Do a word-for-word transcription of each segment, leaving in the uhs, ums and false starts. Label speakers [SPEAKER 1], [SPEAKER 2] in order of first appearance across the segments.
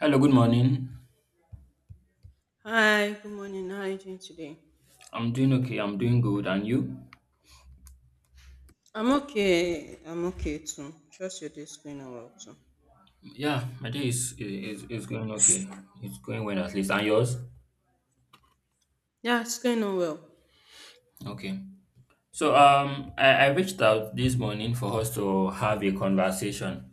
[SPEAKER 1] Hello, good morning.
[SPEAKER 2] Hi, good morning. How are you doing today?
[SPEAKER 1] I'm doing okay. I'm doing good. And you?
[SPEAKER 2] I'm okay. I'm okay too. Trust your day going on well too.
[SPEAKER 1] Yeah, my day is is, is going okay. It's going well at least. And yours?
[SPEAKER 2] Yeah, it's going on well.
[SPEAKER 1] Okay. So um, I, I reached out this morning for us to have a conversation,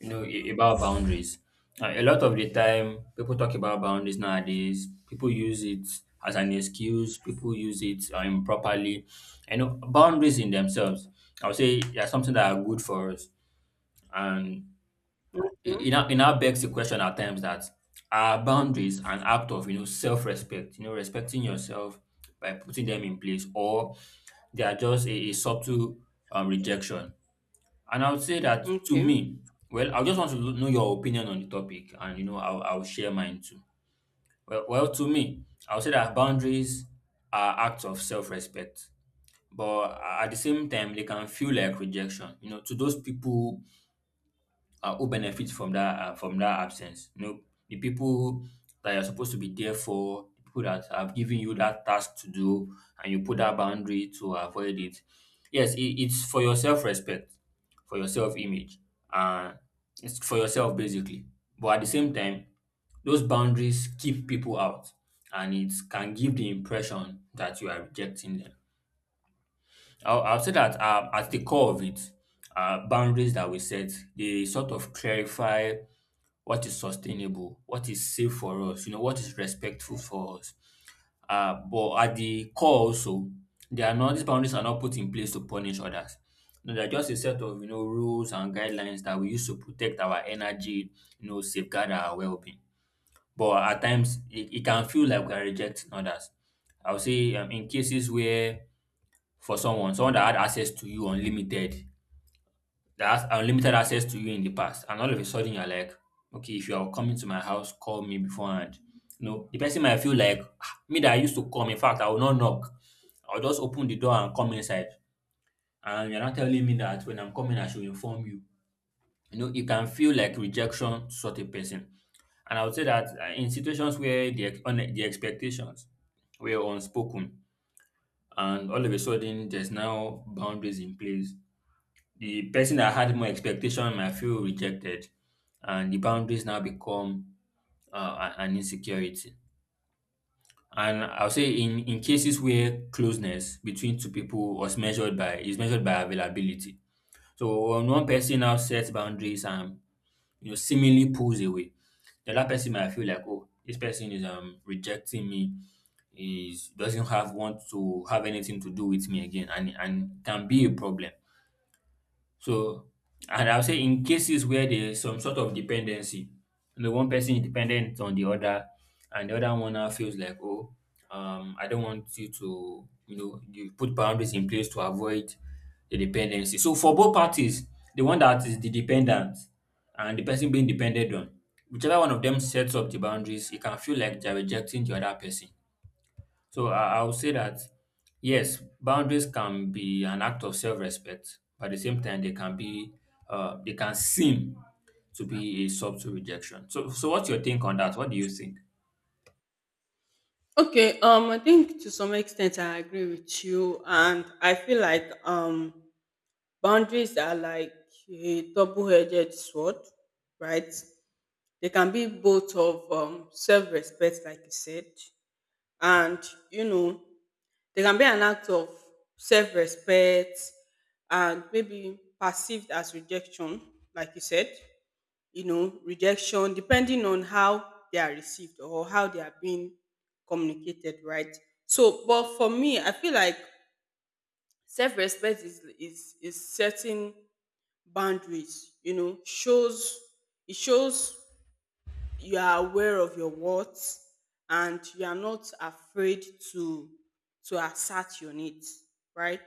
[SPEAKER 1] you know, a- about boundaries. Uh, a lot of the time, people talk about boundaries nowadays. People use it as an excuse. People use it uh, improperly. You know, boundaries in themselves, I would say, they are something that are good for us. And
[SPEAKER 2] Okay.
[SPEAKER 1] it it now it now begs the question at times that are boundaries an act of, you know, self-respect, you know, respecting yourself by putting them in place, or they are just a, a subtle, um, rejection. And I would say that to
[SPEAKER 2] Okay.
[SPEAKER 1] me, well, I just want to know your opinion on the topic, and, you know, i'll, I'll share mine too. Well, well to me, I would say that boundaries are acts of self-respect, but at the same time they can feel like rejection, you know, to those people uh, who benefit from that, uh, from that absence. You know, the people that you're supposed to be there for, the people that have given you that task to do, and you put that boundary to avoid it. Yes, it, it's for your self respect, for your self image, uh, it's for yourself basically. But at the same time, those boundaries keep people out, and it can give the impression that you are rejecting them. I'll, I'll say that uh, at the core of it, uh, boundaries that we set, they sort of clarify what is sustainable, what is safe for us, you know, what is respectful for us. Uh, but at the core also, they are not these boundaries are not put in place to punish others. No, they're just a set of, you know, rules and guidelines that we use to protect our energy, you know, safeguard our well-being. But at times it, it can feel like we are rejecting others. I would say um, in cases where for someone, someone that had access to you unlimited that has unlimited access to you in the past, and all of a sudden you're like, okay, if you are coming to my house, call me beforehand. No, the person might feel like, "Ah, me that I used to come, in fact I will not knock, I'll just open the door and come inside, and you're not telling me that when I'm coming I should inform you." You know, it can feel like rejection to such a person. And I would say that uh, in situations where the ex- une- the expectations were unspoken, and all of a sudden there's now boundaries in place, the person that had more expectation might feel rejected, and the boundaries now become, uh, a- an insecurity. And I'll say in, in cases where closeness between two people was measured by is measured by availability. So when one person now sets boundaries and, you know, seemingly pulls away, the other person might feel like, oh, this person is um rejecting me, is doesn't have want to have anything to do with me again, and and can be a problem. So, and I'll say in cases where there's some sort of dependency, you know, one person is dependent on the other, and the other one now feels like, oh, um, I don't want you to, you know, you put boundaries in place to avoid the dependency. So for both parties, the one that is the dependent and the person being depended on, whichever one of them sets up the boundaries, it can feel like they're rejecting the other person. So I, I would say that yes, boundaries can be an act of self-respect, but at the same time, they can be, uh, they can seem to be a subtle rejection. So so what's your think on that? What do you think?
[SPEAKER 2] Okay. Um, I think to some extent I agree with you, and I feel like um boundaries are like a double-edged sword, right? They can be both of um self-respect, like you said, and you know, they can be an act of self-respect and maybe perceived as rejection, like you said, you know, rejection depending on how they are received or how they are being communicated, right? So, but for me, I feel like self-respect is is is setting boundaries, you know, shows it shows you are aware of your worth and you are not afraid to to assert your needs, right?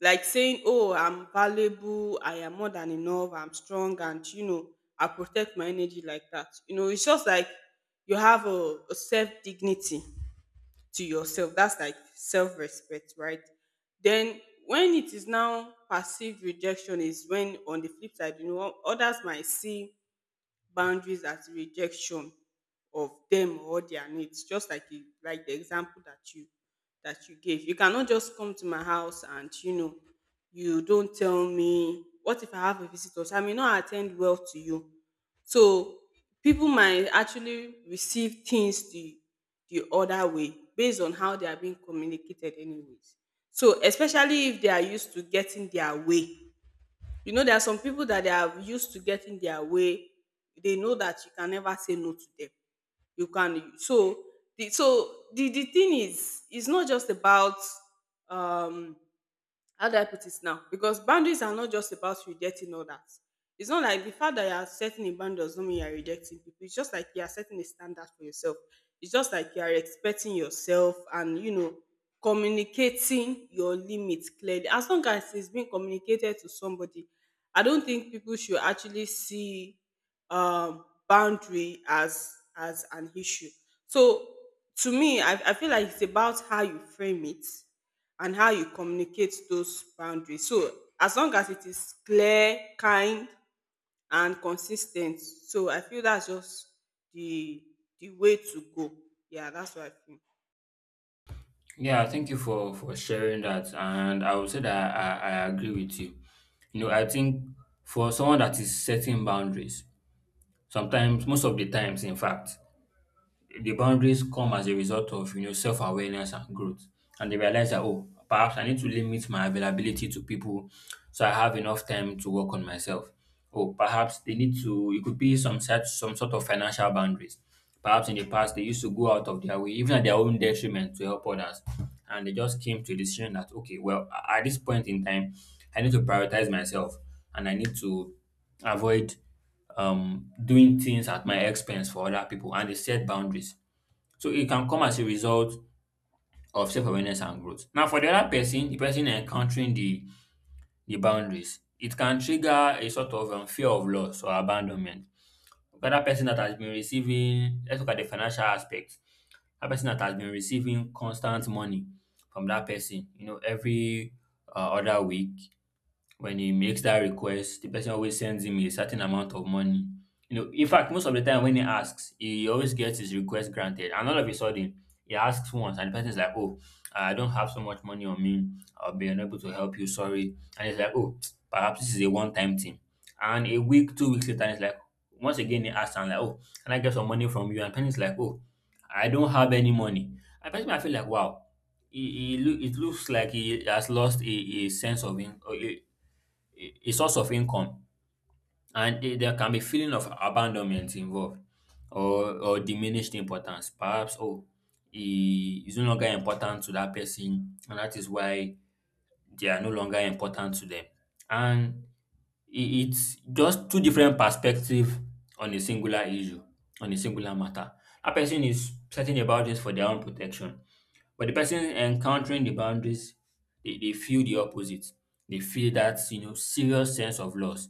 [SPEAKER 2] Like saying, oh, I'm valuable, I am more than enough, I'm strong, and you know, I protect my energy, like that. You know, it's just like you have a, a self dignity to yourself. That's like self respect, right? Then when it is now perceived rejection is when, on the flip side, you know, others might see boundaries as rejection of them or their needs, just like you, like the example that you that you gave. You cannot just come to my house, and you know, you don't tell me. What if I have a visitor, so I may not attend well to you? So people might actually receive things the the other way based on how they are being communicated anyways. So, especially if they are used to getting their way. You know, there are some people that they are used to getting their way. They know that you can never say no to them. You can. So the so the, the thing is, it's not just about, um how do I put it now? Because boundaries are not just about rejecting others. It's not like the fact that you are setting a boundary doesn't mean you are rejecting people. It's just like you are setting a standard for yourself. It's just like you are expecting yourself and, you know, communicating your limits clearly. As long as it's being communicated to somebody, I don't think people should actually see um boundary as as an issue. So to me, I, I feel like it's about how you frame it and how you communicate those boundaries. So as long as it is clear, kind and consis ten t. So I feel that's just the the way to go. Yeah, that's what I feel.
[SPEAKER 1] Yeah, thank you for for sharing that, and I would say that I, I agree with you. You know, I think for someone that is setting boundaries, sometimes most of the times, in fact, the boundaries come as a result of, you know, self-awareness and growth. And they realize that, oh, perhaps I need to limit my availability to people so I have enough time to work on myself. Oh, perhaps they need to, it could be some such some sort of financial boundaries. Perhaps in the past they used to go out of their way, even at their own detriment to help others. And they just came to a decision that, okay, well, a- at this point in time, I need to prioritize myself and I need to avoid um, doing things at my expense for other people. And they set boundaries, so it can come as a result of self-awareness and growth. Now, for the other person, the person encountering the the boundaries, it can trigger a sort of, um, fear of loss or abandonment. The other person that has been receiving, let's look at the financial aspect. That person that has been receiving constant money from that person, you know, every uh, other week, when he makes that request, the person always sends him a certain amount of money. You know, in fact, most of the time when he asks, he always gets his request granted. And all of a sudden, he asks once, and the person's like, "Oh, I don't have so much money on me. I'll be unable to help you. Sorry." And he's like, "Oh, perhaps this is a one-time thing." And a week, two weeks later, and he's like, once again he asks, and like, "Oh, can I get some money from you?" And the person's like, "Oh, I don't have any money." And the person might feel like, "Wow." He, he, loo- it looks like he has lost a, a sense of in, a, a a source of income, and the- there can be feeling of abandonment involved, or or diminished importance. Perhaps, oh, he is no longer important to that person, and that is why they are no longer important to them. And i- it's just two different perspectives on a singular issue, on a singular matter. That person is certain about this for their own protection, but the person encountering the boundaries, they, they feel the opposite. They feel that, you know, serious sense of loss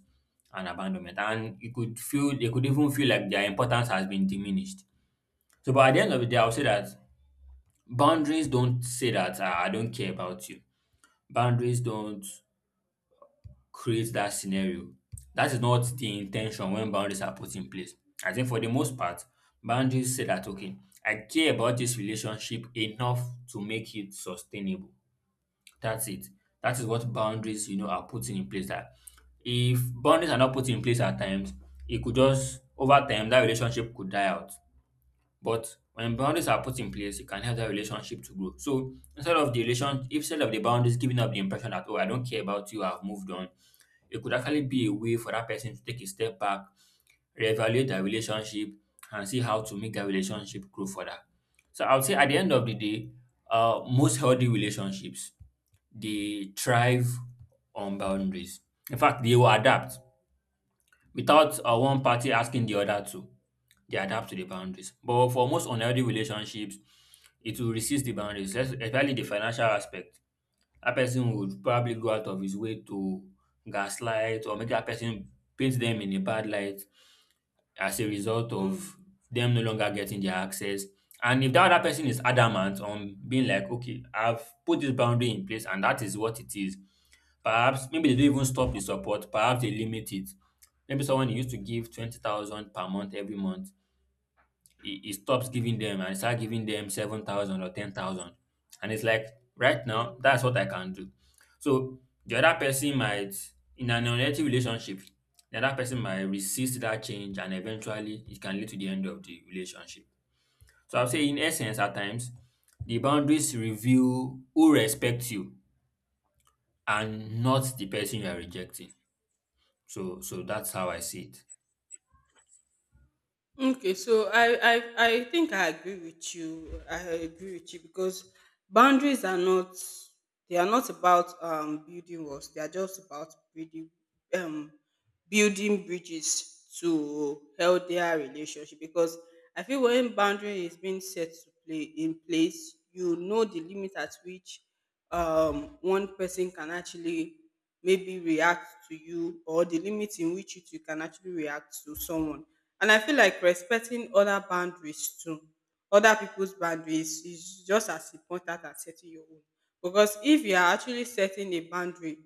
[SPEAKER 1] and abandonment, and you could feel they could even feel like their importance has been diminished. So, but at the end of the day, I'll say that boundaries don't say that, "Ah, I don't care about you." Boundaries don't create that scenario. That is not the intention when boundaries are put in place. I think for the most part, boundaries say that okay, I care about this relationship enough to make it sustainable. That's it. That is what boundaries, you know, are putting in place. That if boundaries are not put in place at times, it could just over time that relationship could die out. But when boundaries are put in place, it can help that relationship to grow. So instead of the relation, instead of the boundaries giving up the impression that, oh, I don't care about you, I've moved on, it could actually be a way for that person to take a step back, reevaluate their relationship, and see how to make that relationship grow further. So I would say at the end of the day, uh, most healthy relationships they thrive on boundaries. In fact, they will adapt without, uh,
[SPEAKER 2] Mm,
[SPEAKER 1] one party asking the other to. They adapt to the boundaries. But for most unhealthy relationships, it will resist the boundaries, es- especially the financial aspect. That person would probably go out of his way to gaslight or make that person paint them in a bad light as a result
[SPEAKER 2] mm,
[SPEAKER 1] of them no longer getting their access. And if that other person is adamant on being like, okay, I've put this boundary in place and that is what it is, perhaps maybe they don't even stop the support, perhaps they limit it. Maybe someone used to give twenty thousand per month every month, he, he stops giving them and start giving them seven thousand or ten thousand. And it's like, right
[SPEAKER 2] mm.
[SPEAKER 1] now, that's what I can do. So the other person might, in an unhealthy relationship, the other person might resist that change, and eventually it can lead to the end of the relationship. So I'll say, in essence, at times, the boundaries reveal who respects you and not the person you are rejecting. So, so that's how I see it.
[SPEAKER 2] Okay, so I, I I think I agree with you. I agree with you because boundaries are not, they are not about um building walls. They are just about building, um building bridges to healthier relationship. Because I feel when boundary is being set to play in place, you know, the limit at which um one person can actually maybe react to you, or the limit in which it- you can actually react to someone. And I feel like respecting other boundaries too, other people's boundaries is just as important as setting your own. Because if you are actually setting a boundary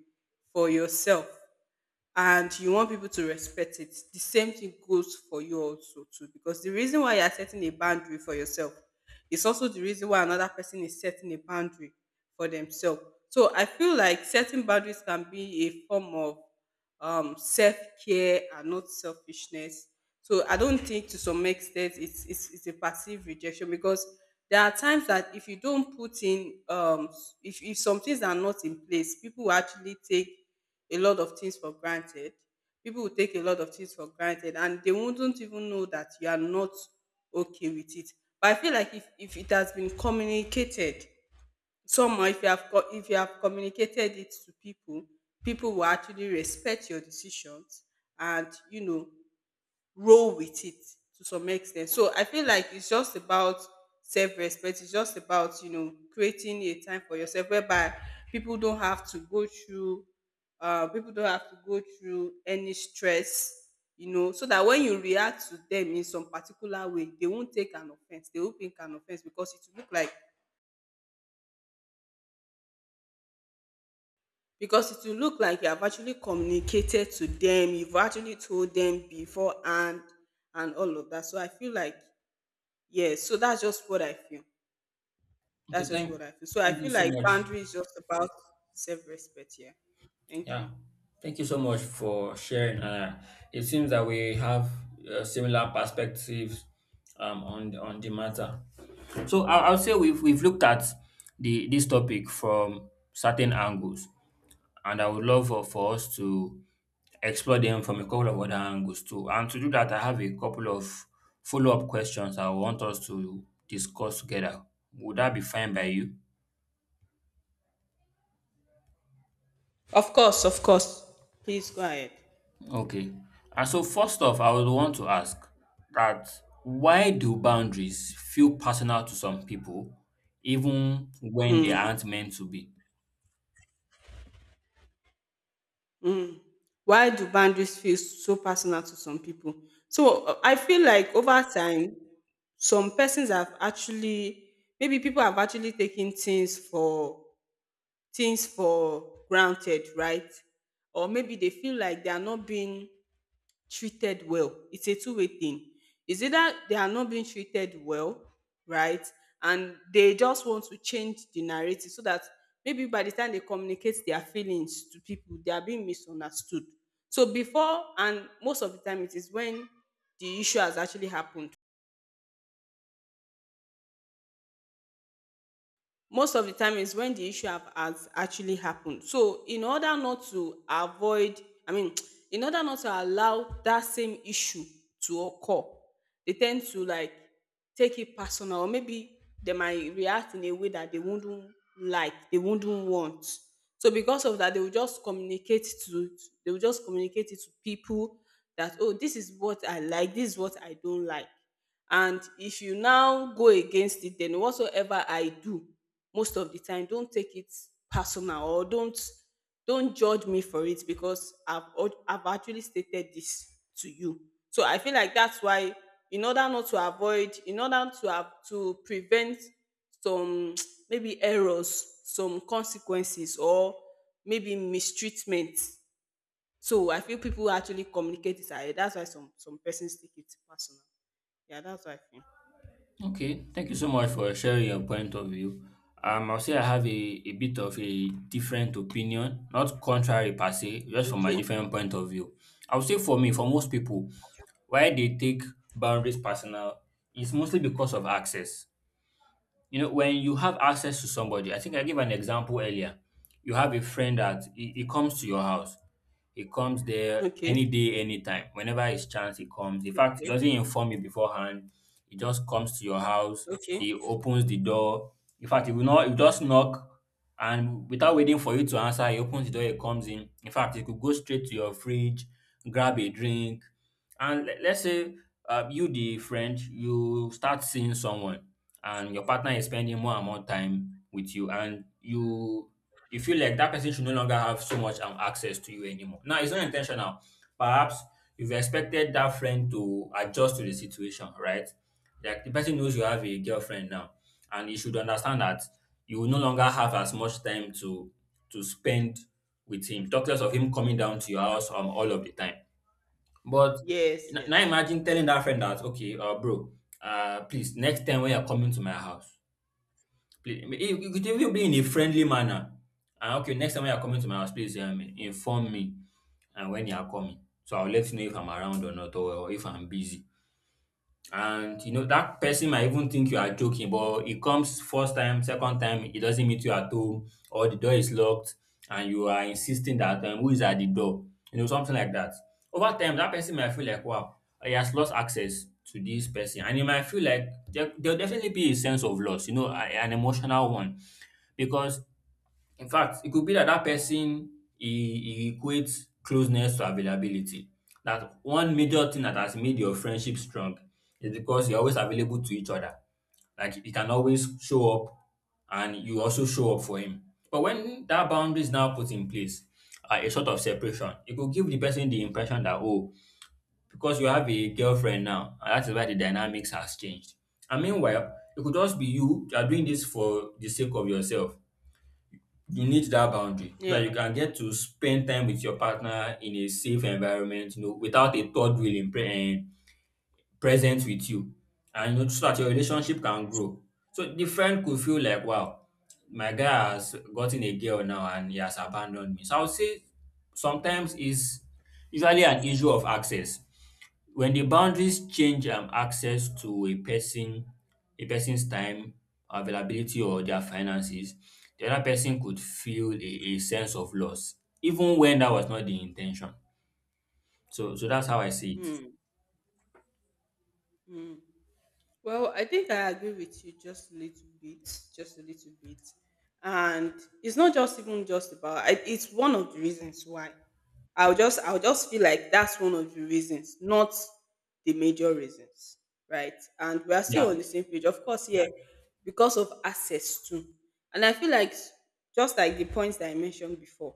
[SPEAKER 2] for yourself, and you want people to respect it. The same thing goes for you also too, because the reason why you're setting a boundary for yourself is also the reason why another person is setting a boundary for themselves. So I feel like setting boundaries can be a form of um, self-care and not selfishness. So I don't think, to some extent, it's, it's it's a passive rejection, because there are times that if you don't put in um if, if some things are not in place, people will actually take a lot of things for granted. People will take a lot of things for granted, and they wouldn't even know that you are not okay with it. But I feel like if, if it has been communicated somehow, if you have co- if you have communicated it to people, people will actually respect your decisions, and you know, roll with it to some extent. So I feel like it's just about self-respect. It's just about, you know, creating a time for yourself whereby people don't have to go through, uh, people don't have to go through any stress. You know, so that when you react to them in some particular way, they won't take an offense. They won't think an offense, because it will look like, because it will look like you have actually communicated to them. You've actually told them beforehand and all of that. So I feel like, yes, so that's just what I feel.
[SPEAKER 1] Okay,
[SPEAKER 2] That's just
[SPEAKER 1] thank,
[SPEAKER 2] what I feel. So I
[SPEAKER 1] thank you
[SPEAKER 2] feel
[SPEAKER 1] so
[SPEAKER 2] like
[SPEAKER 1] much.
[SPEAKER 2] boundary is just about self-respect. Yeah. Thank
[SPEAKER 1] Yeah,
[SPEAKER 2] you.
[SPEAKER 1] thank you so much for sharing. Uh, it seems that we have, uh, similar perspectives, um, on on the matter. So I, I'll say we've we've looked at the this topic from certain angles, and I would love for, for us to explore them from a couple of other angles too. And to do that, I have a couple of follow up questions I want us to discuss together. Would that be fine by you?
[SPEAKER 2] Of course, of course. Please go ahead.
[SPEAKER 1] Okay. And so first off, I would want to ask that why do boundaries feel personal to some people even when they aren't meant to be?
[SPEAKER 2] Why do boundaries feel so personal to some people? So uh, I feel like over time, some persons have actually, maybe people have actually taken things for things for granted, right? Or maybe they feel like they are not being treated well. It's a two way thing. It's either they are not being treated well, right? And they just want to change the narrative, so that maybe by the time they communicate their feelings to people, they are being misunderstood. So before, and most of the time it is when the issue has actually happened, most of the time is when the issue have has actually happened. So in order not to avoid, I mean, in order not to allow that same issue to occur, they tend to like take it personal, or maybe they might react in a way that they wouldn't like, they wouldn't want. So because of that, they will just communicate to, they will just communicate it to people that, oh, this is what I like, this is what I don't like. And if you now go against it, then whatsoever I do, most of the time don't take it personal, or don't don't judge me for it, because i've al- I've actually stated this to you. So I feel like that's why, in order not to avoid, in order to have to prevent some maybe errors, some consequences or maybe mistreatment. So I feel people actually communicate this ahead. That's why some some persons take it personal. Yeah, that's why I feel.
[SPEAKER 1] Okay, thank you so much for sharing your point of view. Um, I'll say I have a, a bit of a different opinion, not contrary per se, just from a
[SPEAKER 2] Okay.
[SPEAKER 1] different point of view. I will say for me, for most people, why they take boundaries personal is mostly because of access. You know, when you have access to somebody, I think I gave an example earlier. You have a friend that he, he comes to your house. He comes there any
[SPEAKER 2] Okay.
[SPEAKER 1] day, anytime. Whenever his chance, he comes. In fact, he doesn't
[SPEAKER 2] Okay.
[SPEAKER 1] inform you beforehand. He just comes to your house.
[SPEAKER 2] Okay.
[SPEAKER 1] He opens the door. In fact, he will not. He just knock, and without waiting for you to answer, he opens the door. He comes in. In fact, he could go straight to your fridge, grab a drink, and le- let's say uh, you, the friend, you start seeing someone and your partner is spending more and more time with you and you you feel like that person should no longer have so much um, access to you anymore. Now it's not intentional, perhaps you've expected that friend to adjust to the situation, right? Like the person knows you have a girlfriend now, and you should understand that you will no longer have as much time to to spend with him, talk less of him coming down to your house um, all of the time. But
[SPEAKER 2] Yes.
[SPEAKER 1] n- now
[SPEAKER 2] Yes.
[SPEAKER 1] imagine telling that friend that, okay, uh, bro, uh, please, next time when you're coming to my house, please, you you could even be in a friendly manner. And okay, next time when you're coming to my house, please um, inform me and when you're coming. So I'll let you know if I'm around or not, or if I'm busy. And you know that person might even think you are joking, but it comes first time, second time, he doesn't meet you at home, or the door is locked, and you are insisting that um, who is at the door, you know, something like that. Over time, that person might feel like, wow, he has lost access to this person, and you might feel like there, there'll definitely be a sense of loss, you know, a- an emotional one, because in fact, it could be that that person he, he equates closeness to availability. That one major thing that has made your friendship strong is because you're always available to each other. Like he can always show up and you also show up for him. But when that boundary is now put in place, uh, a sort of separation, it could give the person the impression that, oh, because you have a girlfriend now, and that is why the dynamics has changed. And meanwhile, it could just be you, you are doing this for the sake of yourself. You need that boundary so that
[SPEAKER 2] Yeah.
[SPEAKER 1] you can get to spend time with your partner in a safe environment, you know, without a third wheel in pre- um, present with you. And you know, so that your relationship can grow. So the friend could feel like, wow, my guy has gotten a girl now and he has abandoned me. So I would say sometimes it's usually an issue of access. When the boundaries change um access to a person, a person's time, availability or their finances, the other person could feel a a sense of loss even when that was not the intention. So so that's how I see it.
[SPEAKER 2] Mm. Mm. Well, I think I agree with you just a little bit, just a little bit, and it's not just even just about. I, it's one of the reasons why, I'll just I'll just feel like that's one of the reasons, not the major reasons, right? And we are still on
[SPEAKER 1] Yeah,
[SPEAKER 2] the same page, of course. Yeah, because of access too, and I feel like s- just like the points that I mentioned before.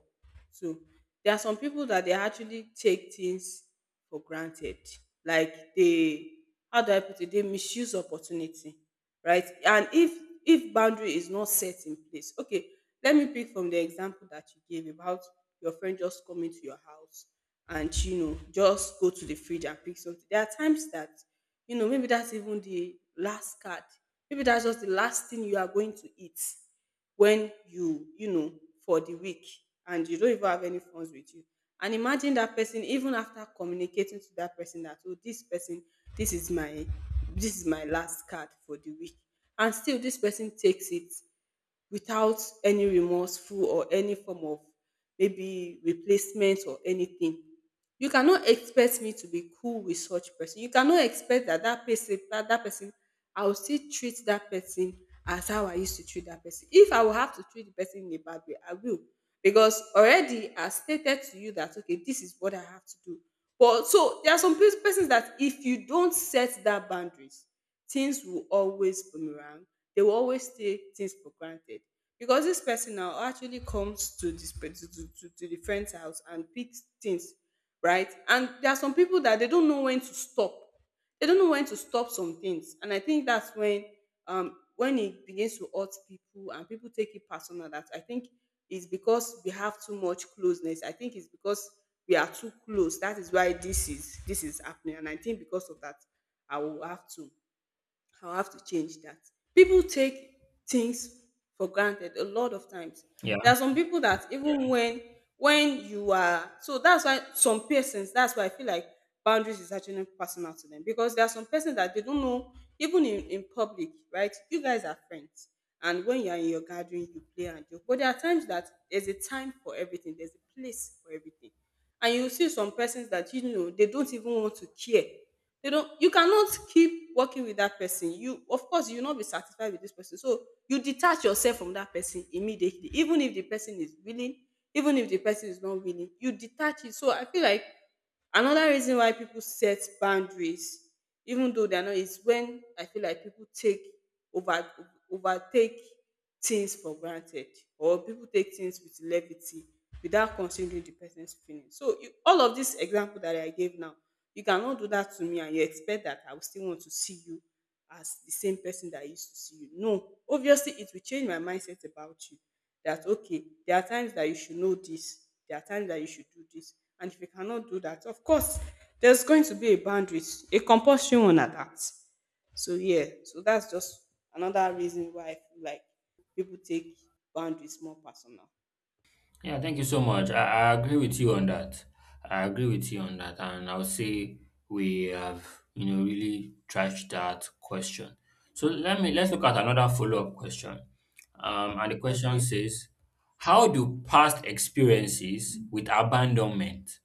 [SPEAKER 2] So there are some people that they actually take things for granted. Like they, how do I put it? They misuse opportunity. Right? And if if boundary is not set in place, okay, let me pick from the example that you gave about your friend just coming to your house and, you know, just go to the fridge and pick something. There are times that, you know, maybe that's even the last card. Maybe that's just the last thing you are going to eat when you you know, for the week, and you don't even have any funds with you, and imagine that person, even after communicating to that person that, oh, this person, this is my this is my last card for the week, and still this person takes it without any remorseful or any form of maybe replacement or anything. You cannot expect me to be cool with such person. You cannot expect that that person, that, that person, I will still treat that person as how I used to treat that person. If I will have to treat the person in a bad way, I will. Because already I stated to you that, okay, this is what I have to do. But so there are some pers- persons that if you don't set that boundaries, things will always boomerang, they will always take things for granted, because this person now actually comes to this pe- to, to, to, to the friend's house and picks things, right? And there are some people that they don't know when to stop, they don't know when to stop some things, and I think that's when, um when it begins to hurt people and people take it personal, that I think is because we have too much closeness. I think it's because we are too close, that is why this is, this is happening, and I think because of that i will have to I'll have to change that. People take things for granted a lot of times.
[SPEAKER 1] yeah.
[SPEAKER 2] There are some people that even yeah. when when you are so that's why some persons that's why I feel like boundaries is actually personal to them, because there are some persons that they don't know, even in, in public, right? You guys are friends, and when you are in your gathering you play and joke. But there are times that there's a time for everything, there's a place for everything. And you see some persons that, you know, they don't even want to care, they don't you cannot keep working with that person. You, of course, you will not be satisfied with this person, so you detach yourself from that person immediately. Even if the person is willing, even if the person is not willing, you detach it. So I feel like another reason why people set boundaries, even though they are not, is when I feel like people take over overtake things for granted, or people take things with levity without considering the person's feelings. So you, all of this example that I gave now, you cannot do that to me, and you expect that I will still want to see you as the same person that I used to see you. No, obviously it will change my mindset about you. That okay, there are times that you should know this, there are times that you should do this. And if you cannot do that, of course, there's going to be a boundaries, a compulsory one at that. So yeah, so that's just another reason why I feel like people take boundaries more personal.
[SPEAKER 1] Yeah, thank you so much. I, I agree with you on that. I agree with you on that. And I would say we have, you know, really trashed that question. So let me, let's look at another follow-up question. Um, and the question
[SPEAKER 2] Okay.
[SPEAKER 1] says, how do past experiences with abandonment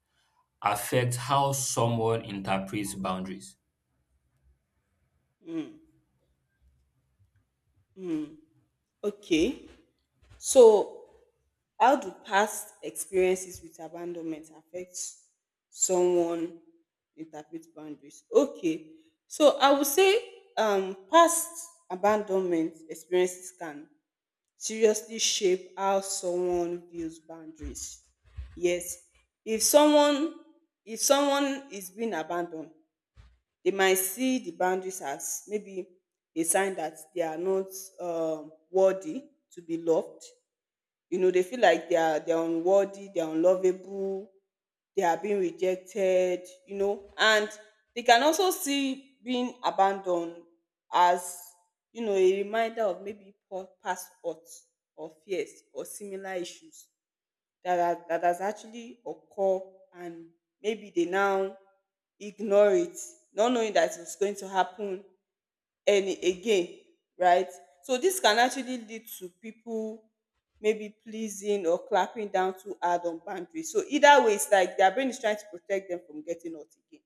[SPEAKER 1] affect how someone interprets boundaries?
[SPEAKER 2] Mm. Mm. Okay. So how do past experiences with abandonment affect someone interpret boundaries? Okay, so I would say um, past abandonment experiences can seriously shape how someone views boundaries. Yes, if someone, if someone is being abandoned, they might see the boundaries as maybe a sign that they are not um, worthy to be loved. You know, they feel like they are they're unworthy, they're unlovable, they are being rejected, you know, and they can also see being abandoned as, you know, a reminder of maybe pa- past hurts or fears or similar issues that are, that has actually occurred, and maybe they now ignore it, not knowing that it's going to happen early again, right? So this can actually lead to people maybe pleasing or clapping down too hard on boundaries. So either way, it's like their brain is trying to protect them from getting hurt again.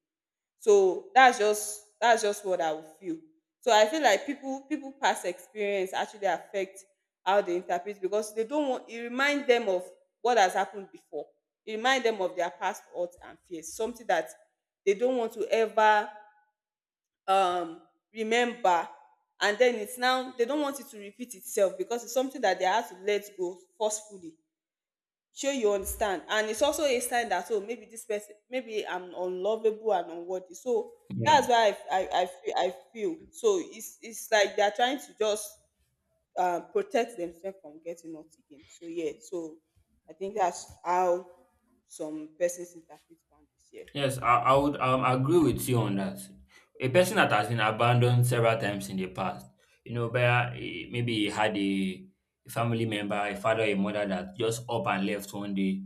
[SPEAKER 2] So that's just that's just what I would feel. So I feel like people people past experience actually affect how they interpret, because they don't want it remind them of what has happened before. It remind them of their past hurt and fears, something that they don't want to ever um remember, and then it's now they don't want it to repeat itself, because it's something that they have to let go forcefully. Sure, you understand. And it's also a sign that, oh, maybe this person, maybe I'm unlovable and unworthy. So
[SPEAKER 1] Yeah.
[SPEAKER 2] that's why i i, I feel, i feel so it's it's like they're trying to just uh, protect themselves from getting hurt again. So yeah, so I think that's how some persons interpret boundaries. Yeah.
[SPEAKER 1] Yes, I, I would um, agree with you on that. A person that has been abandoned several times in the past, you know, but maybe he had a a family member, a father, a mother that just up and left one day.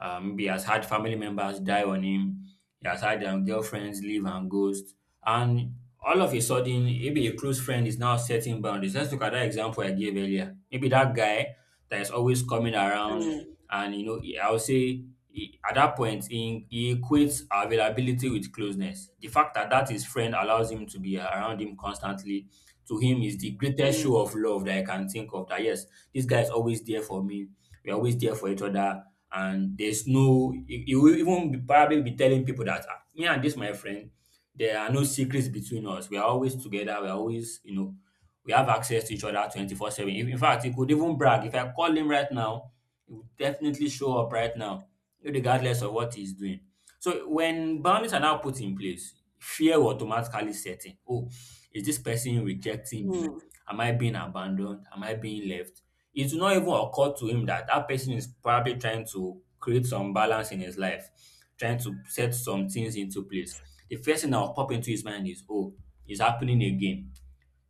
[SPEAKER 1] Um, maybe he has had family members die on him. He has had um, girlfriends leave and ghost. And all of a sudden, maybe a close friend is now setting boundaries. Let's look at that example I gave earlier. Maybe that guy that is always coming around
[SPEAKER 2] Mm,
[SPEAKER 1] and you know, he- I would say he- at that point, he, he equates availability with closeness. The fact that that his friend allows him to be around him constantly, to him, is the greatest
[SPEAKER 2] mm,
[SPEAKER 1] show of love that I can think of. That yes, this guy is always there for me. We're always there for each other, and there's no. He, he will even be, probably be telling people that "Ah, me and this my friend, there are no secrets between us. We are always together. We are always, you know, we have access to each other twenty-four seven. In in fact, he could even brag. If I call him right now, he will definitely show up right now, regardless of what he's doing. So when boundaries are now put in place, fear will automatically set in. Oh, is this person rejecting me?
[SPEAKER 2] mm.
[SPEAKER 1] Am I being abandoned? Am I being left? It will not even occur to him that that person is probably trying to create some balance in his life, trying to set some things into place. The first thing that will pop into his mind is, oh, it's happening again.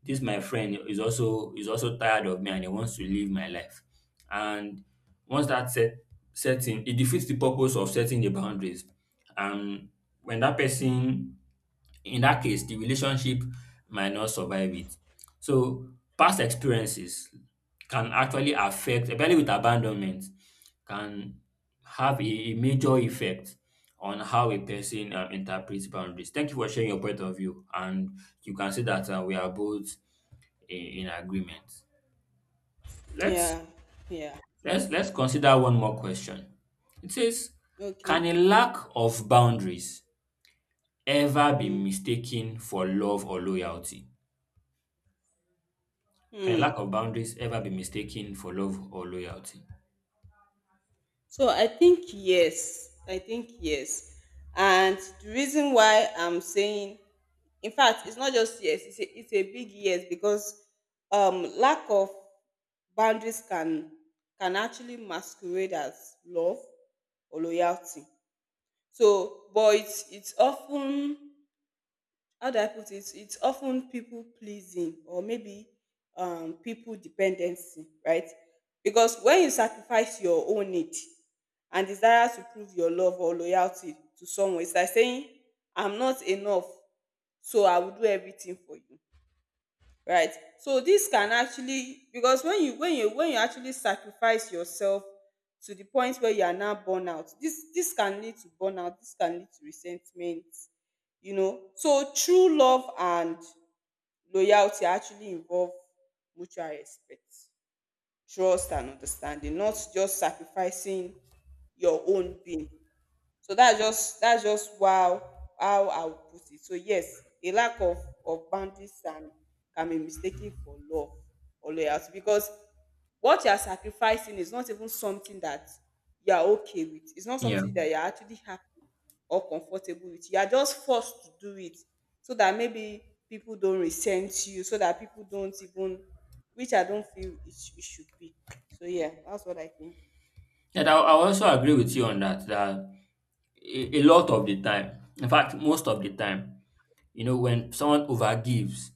[SPEAKER 1] This my friend is also is also tired of me and he wants to live my life. And once that set setting, it defeats the purpose of setting the boundaries. And when that person, in that case, the relationship might not survive it. So past experiences can actually affect, especially with abandonment, can have a, a major effect on how a person um, interprets boundaries. Thank you for sharing your point of view, and you can see that uh, we are both i- in agreement. Let's
[SPEAKER 2] Yeah, yeah.
[SPEAKER 1] let's let's consider one more question. It says, can
[SPEAKER 2] Okay.
[SPEAKER 1] a lack of boundaries ever be
[SPEAKER 2] Hmm.
[SPEAKER 1] mistaken for love or loyalty? Can a lack
[SPEAKER 2] Mm.
[SPEAKER 1] of boundaries ever be mistaken for love or loyalty?
[SPEAKER 2] So I think yes. I think yes. And the reason why I'm saying, in fact, it's not just yes, it's a, it's a big yes, because um, lack of boundaries can can actually masquerade as love or loyalty. So, but it's it's often, how do I put it? It's often people pleasing, or maybe um, people dependency, right? Because when you sacrifice your own need and desire to prove your love or loyalty to someone, it's like saying, I'm not enough, so I will do everything for you. Right. So this can actually, because when you when you when you actually sacrifice yourself to the point where you are now burn out, this this can lead to burnout, this can lead to resentment, you know. So true love and loyalty actually involve mutual respect, trust and understanding, not just sacrificing your own being. So that's just that's just, wow, how I would put it. So yes, a lack of of boundaries can can be mistaken for love or loyalty, because what you are sacrificing is not even something that you are okay with. It's not
[SPEAKER 1] Yeah.
[SPEAKER 2] something that you are actually happy or comfortable with. You are just forced to do it so that maybe people don't resent you, so that people don't even, which I don't feel it, sh- it should be. So yeah, that's what I think.
[SPEAKER 1] And I, I also agree with you on that, that a, a lot of the time, in fact, most of the time, you know, when someone overgives,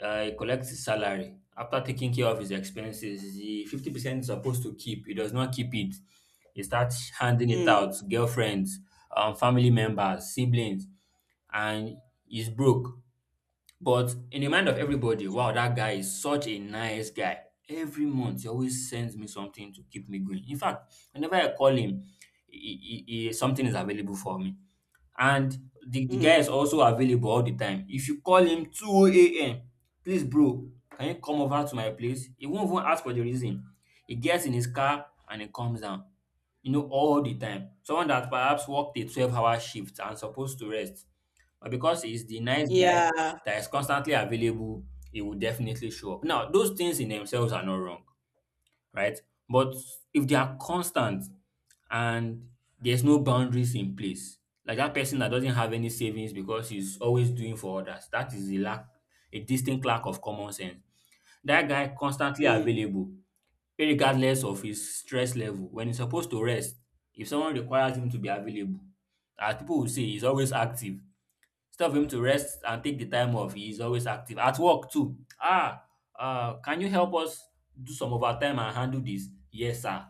[SPEAKER 1] Uh, he collects his salary. After taking care of his expenses, the fifty percent is supposed to keep. He does not keep it. He starts handing it
[SPEAKER 2] Mm,
[SPEAKER 1] out to girlfriends, um, family members, siblings, and he's broke. But in the mind of everybody, wow, that guy is such a nice guy. Every month, he always sends me something to keep me going. In fact, whenever I call him, he, he, he- something is available for me and the, the guy is
[SPEAKER 2] mm,
[SPEAKER 1] also available all the time. If you call him two a m, please, bro, can you come over to my place? He won't even ask for the reason. He gets in his car and he comes down, you know, all the time. Someone that perhaps worked a twelve hour shift and supposed to rest, but because he's the nice guy
[SPEAKER 2] yeah.
[SPEAKER 1] that is constantly available, he will definitely show up. Now, those things in themselves are not wrong. Right? But if they are constant and there's no boundaries in place, like that person that doesn't have any savings because he's always doing for others, that is a lack, a distinct lack of common sense. That guy constantly
[SPEAKER 2] Mm,
[SPEAKER 1] available, regardless of his stress level. When he's supposed to rest, if someone requires him to be available, as people will say, he's always active. It's time him to rest and take the time off. He's always active. At work too. Ah, uh, can you help us do some overtime and handle this? Yes, sir.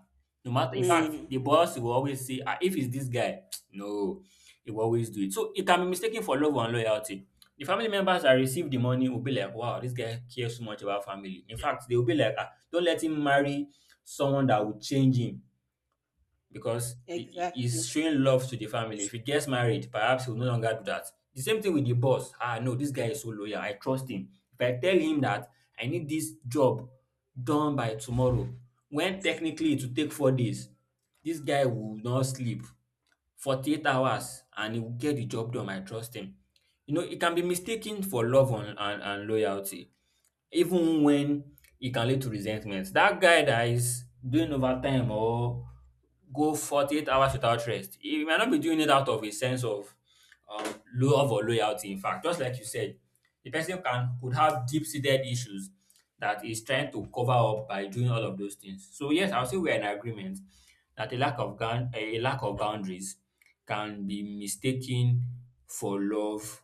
[SPEAKER 1] No matter, in fact,
[SPEAKER 2] mm.
[SPEAKER 1] the boss will always say, ah, if it's this guy, no, he will always do it. So it can be mistaken for love and loyalty. The family members that receive the money will be like, wow, this guy cares so much about family. In fact, they will be like, ah, don't let him marry someone that will change him because he- he's
[SPEAKER 2] Exactly.
[SPEAKER 1] showing love to the family. If he gets married, perhaps he will no longer do that. The same thing with the boss. Ah, no, this guy is so loyal. I trust him. If I tell him that I need this job done by tomorrow, when technically it will take four days, this guy will not sleep forty-eight hours and he will get the job done. I trust him. You know, it can be mistaken for love and, and, and loyalty, even when it can lead to resentment. That guy that is doing overtime or go forty-eight hours without rest, he might not be doing it out of a sense of um, love or loyalty. In fact, just like you said, the person can could have deep-seated issues that is trying to cover up by doing all of those things. So yes, I'll say we're in agreement that a lack of gan- a lack of boundaries can be mistaken for love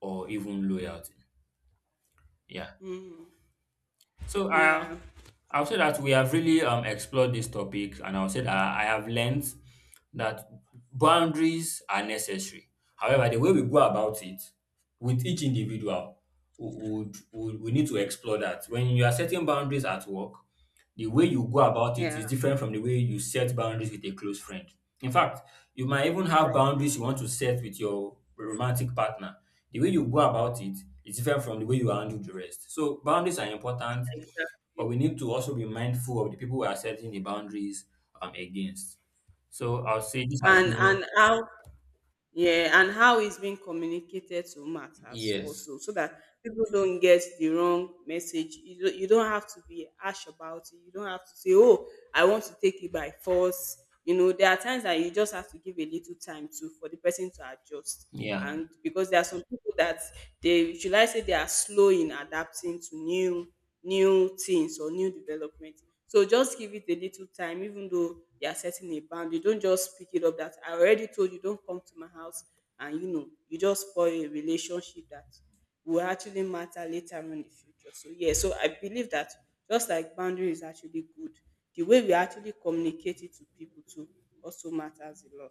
[SPEAKER 1] or even loyalty. Yeah.
[SPEAKER 2] Mm.
[SPEAKER 1] So uh,
[SPEAKER 2] Yeah.
[SPEAKER 1] I'll say that we have really um, explored this topic, and I'll say that I have learned that boundaries are necessary. However, the way we go about it with each individual, we, would would- we need to explore that. When you are setting boundaries at work, the way you go about it
[SPEAKER 2] Yeah.
[SPEAKER 1] is different from the way you set boundaries with a close friend. In fact, you might even have boundaries
[SPEAKER 2] Exactly.
[SPEAKER 1] you want to set with your romantic partner. The way you go about it is different from the way you handle the rest. So, boundaries are important, but we
[SPEAKER 2] Exactly.
[SPEAKER 1] need to also be mindful of the people we are setting the boundaries um, against. So, I'll say this has
[SPEAKER 2] And
[SPEAKER 1] been,
[SPEAKER 2] and how yeah, and how it's being communicated to matters
[SPEAKER 1] yes,
[SPEAKER 2] also, so that people don't get the wrong message. You don't, you don't have to be harsh about it. You don't have to say, "Oh, I want to take it by force." You know, there are times that you just have to give a little time to for the person to adjust.
[SPEAKER 1] yeah,
[SPEAKER 2] And because there are some people that, they should I say, they are slow in adapting to new new things or new development. So just give it a little time, even though they are setting a boundary. Don't just pick it up that I already told you, don't come to my house, and you know, you just spoil a relationship that will actually matter later on in the future. So yeah, so I believe that just like boundary is actually good, the way we actually communicate it to people too also matters a lot.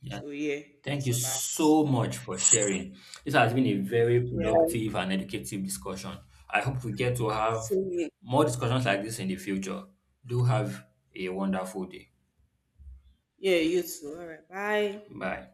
[SPEAKER 1] yeah.
[SPEAKER 2] So yeah,
[SPEAKER 1] Thank
[SPEAKER 2] that's
[SPEAKER 1] you
[SPEAKER 2] all I have to say.
[SPEAKER 1] so much for sharing. This has been a very
[SPEAKER 2] Yeah,
[SPEAKER 1] productive and educative discussion. I hope we get to have
[SPEAKER 2] see you.
[SPEAKER 1] more discussions like this in the future. Do have a wonderful day.
[SPEAKER 2] Yeah, you too. All right, bye.
[SPEAKER 1] Bye.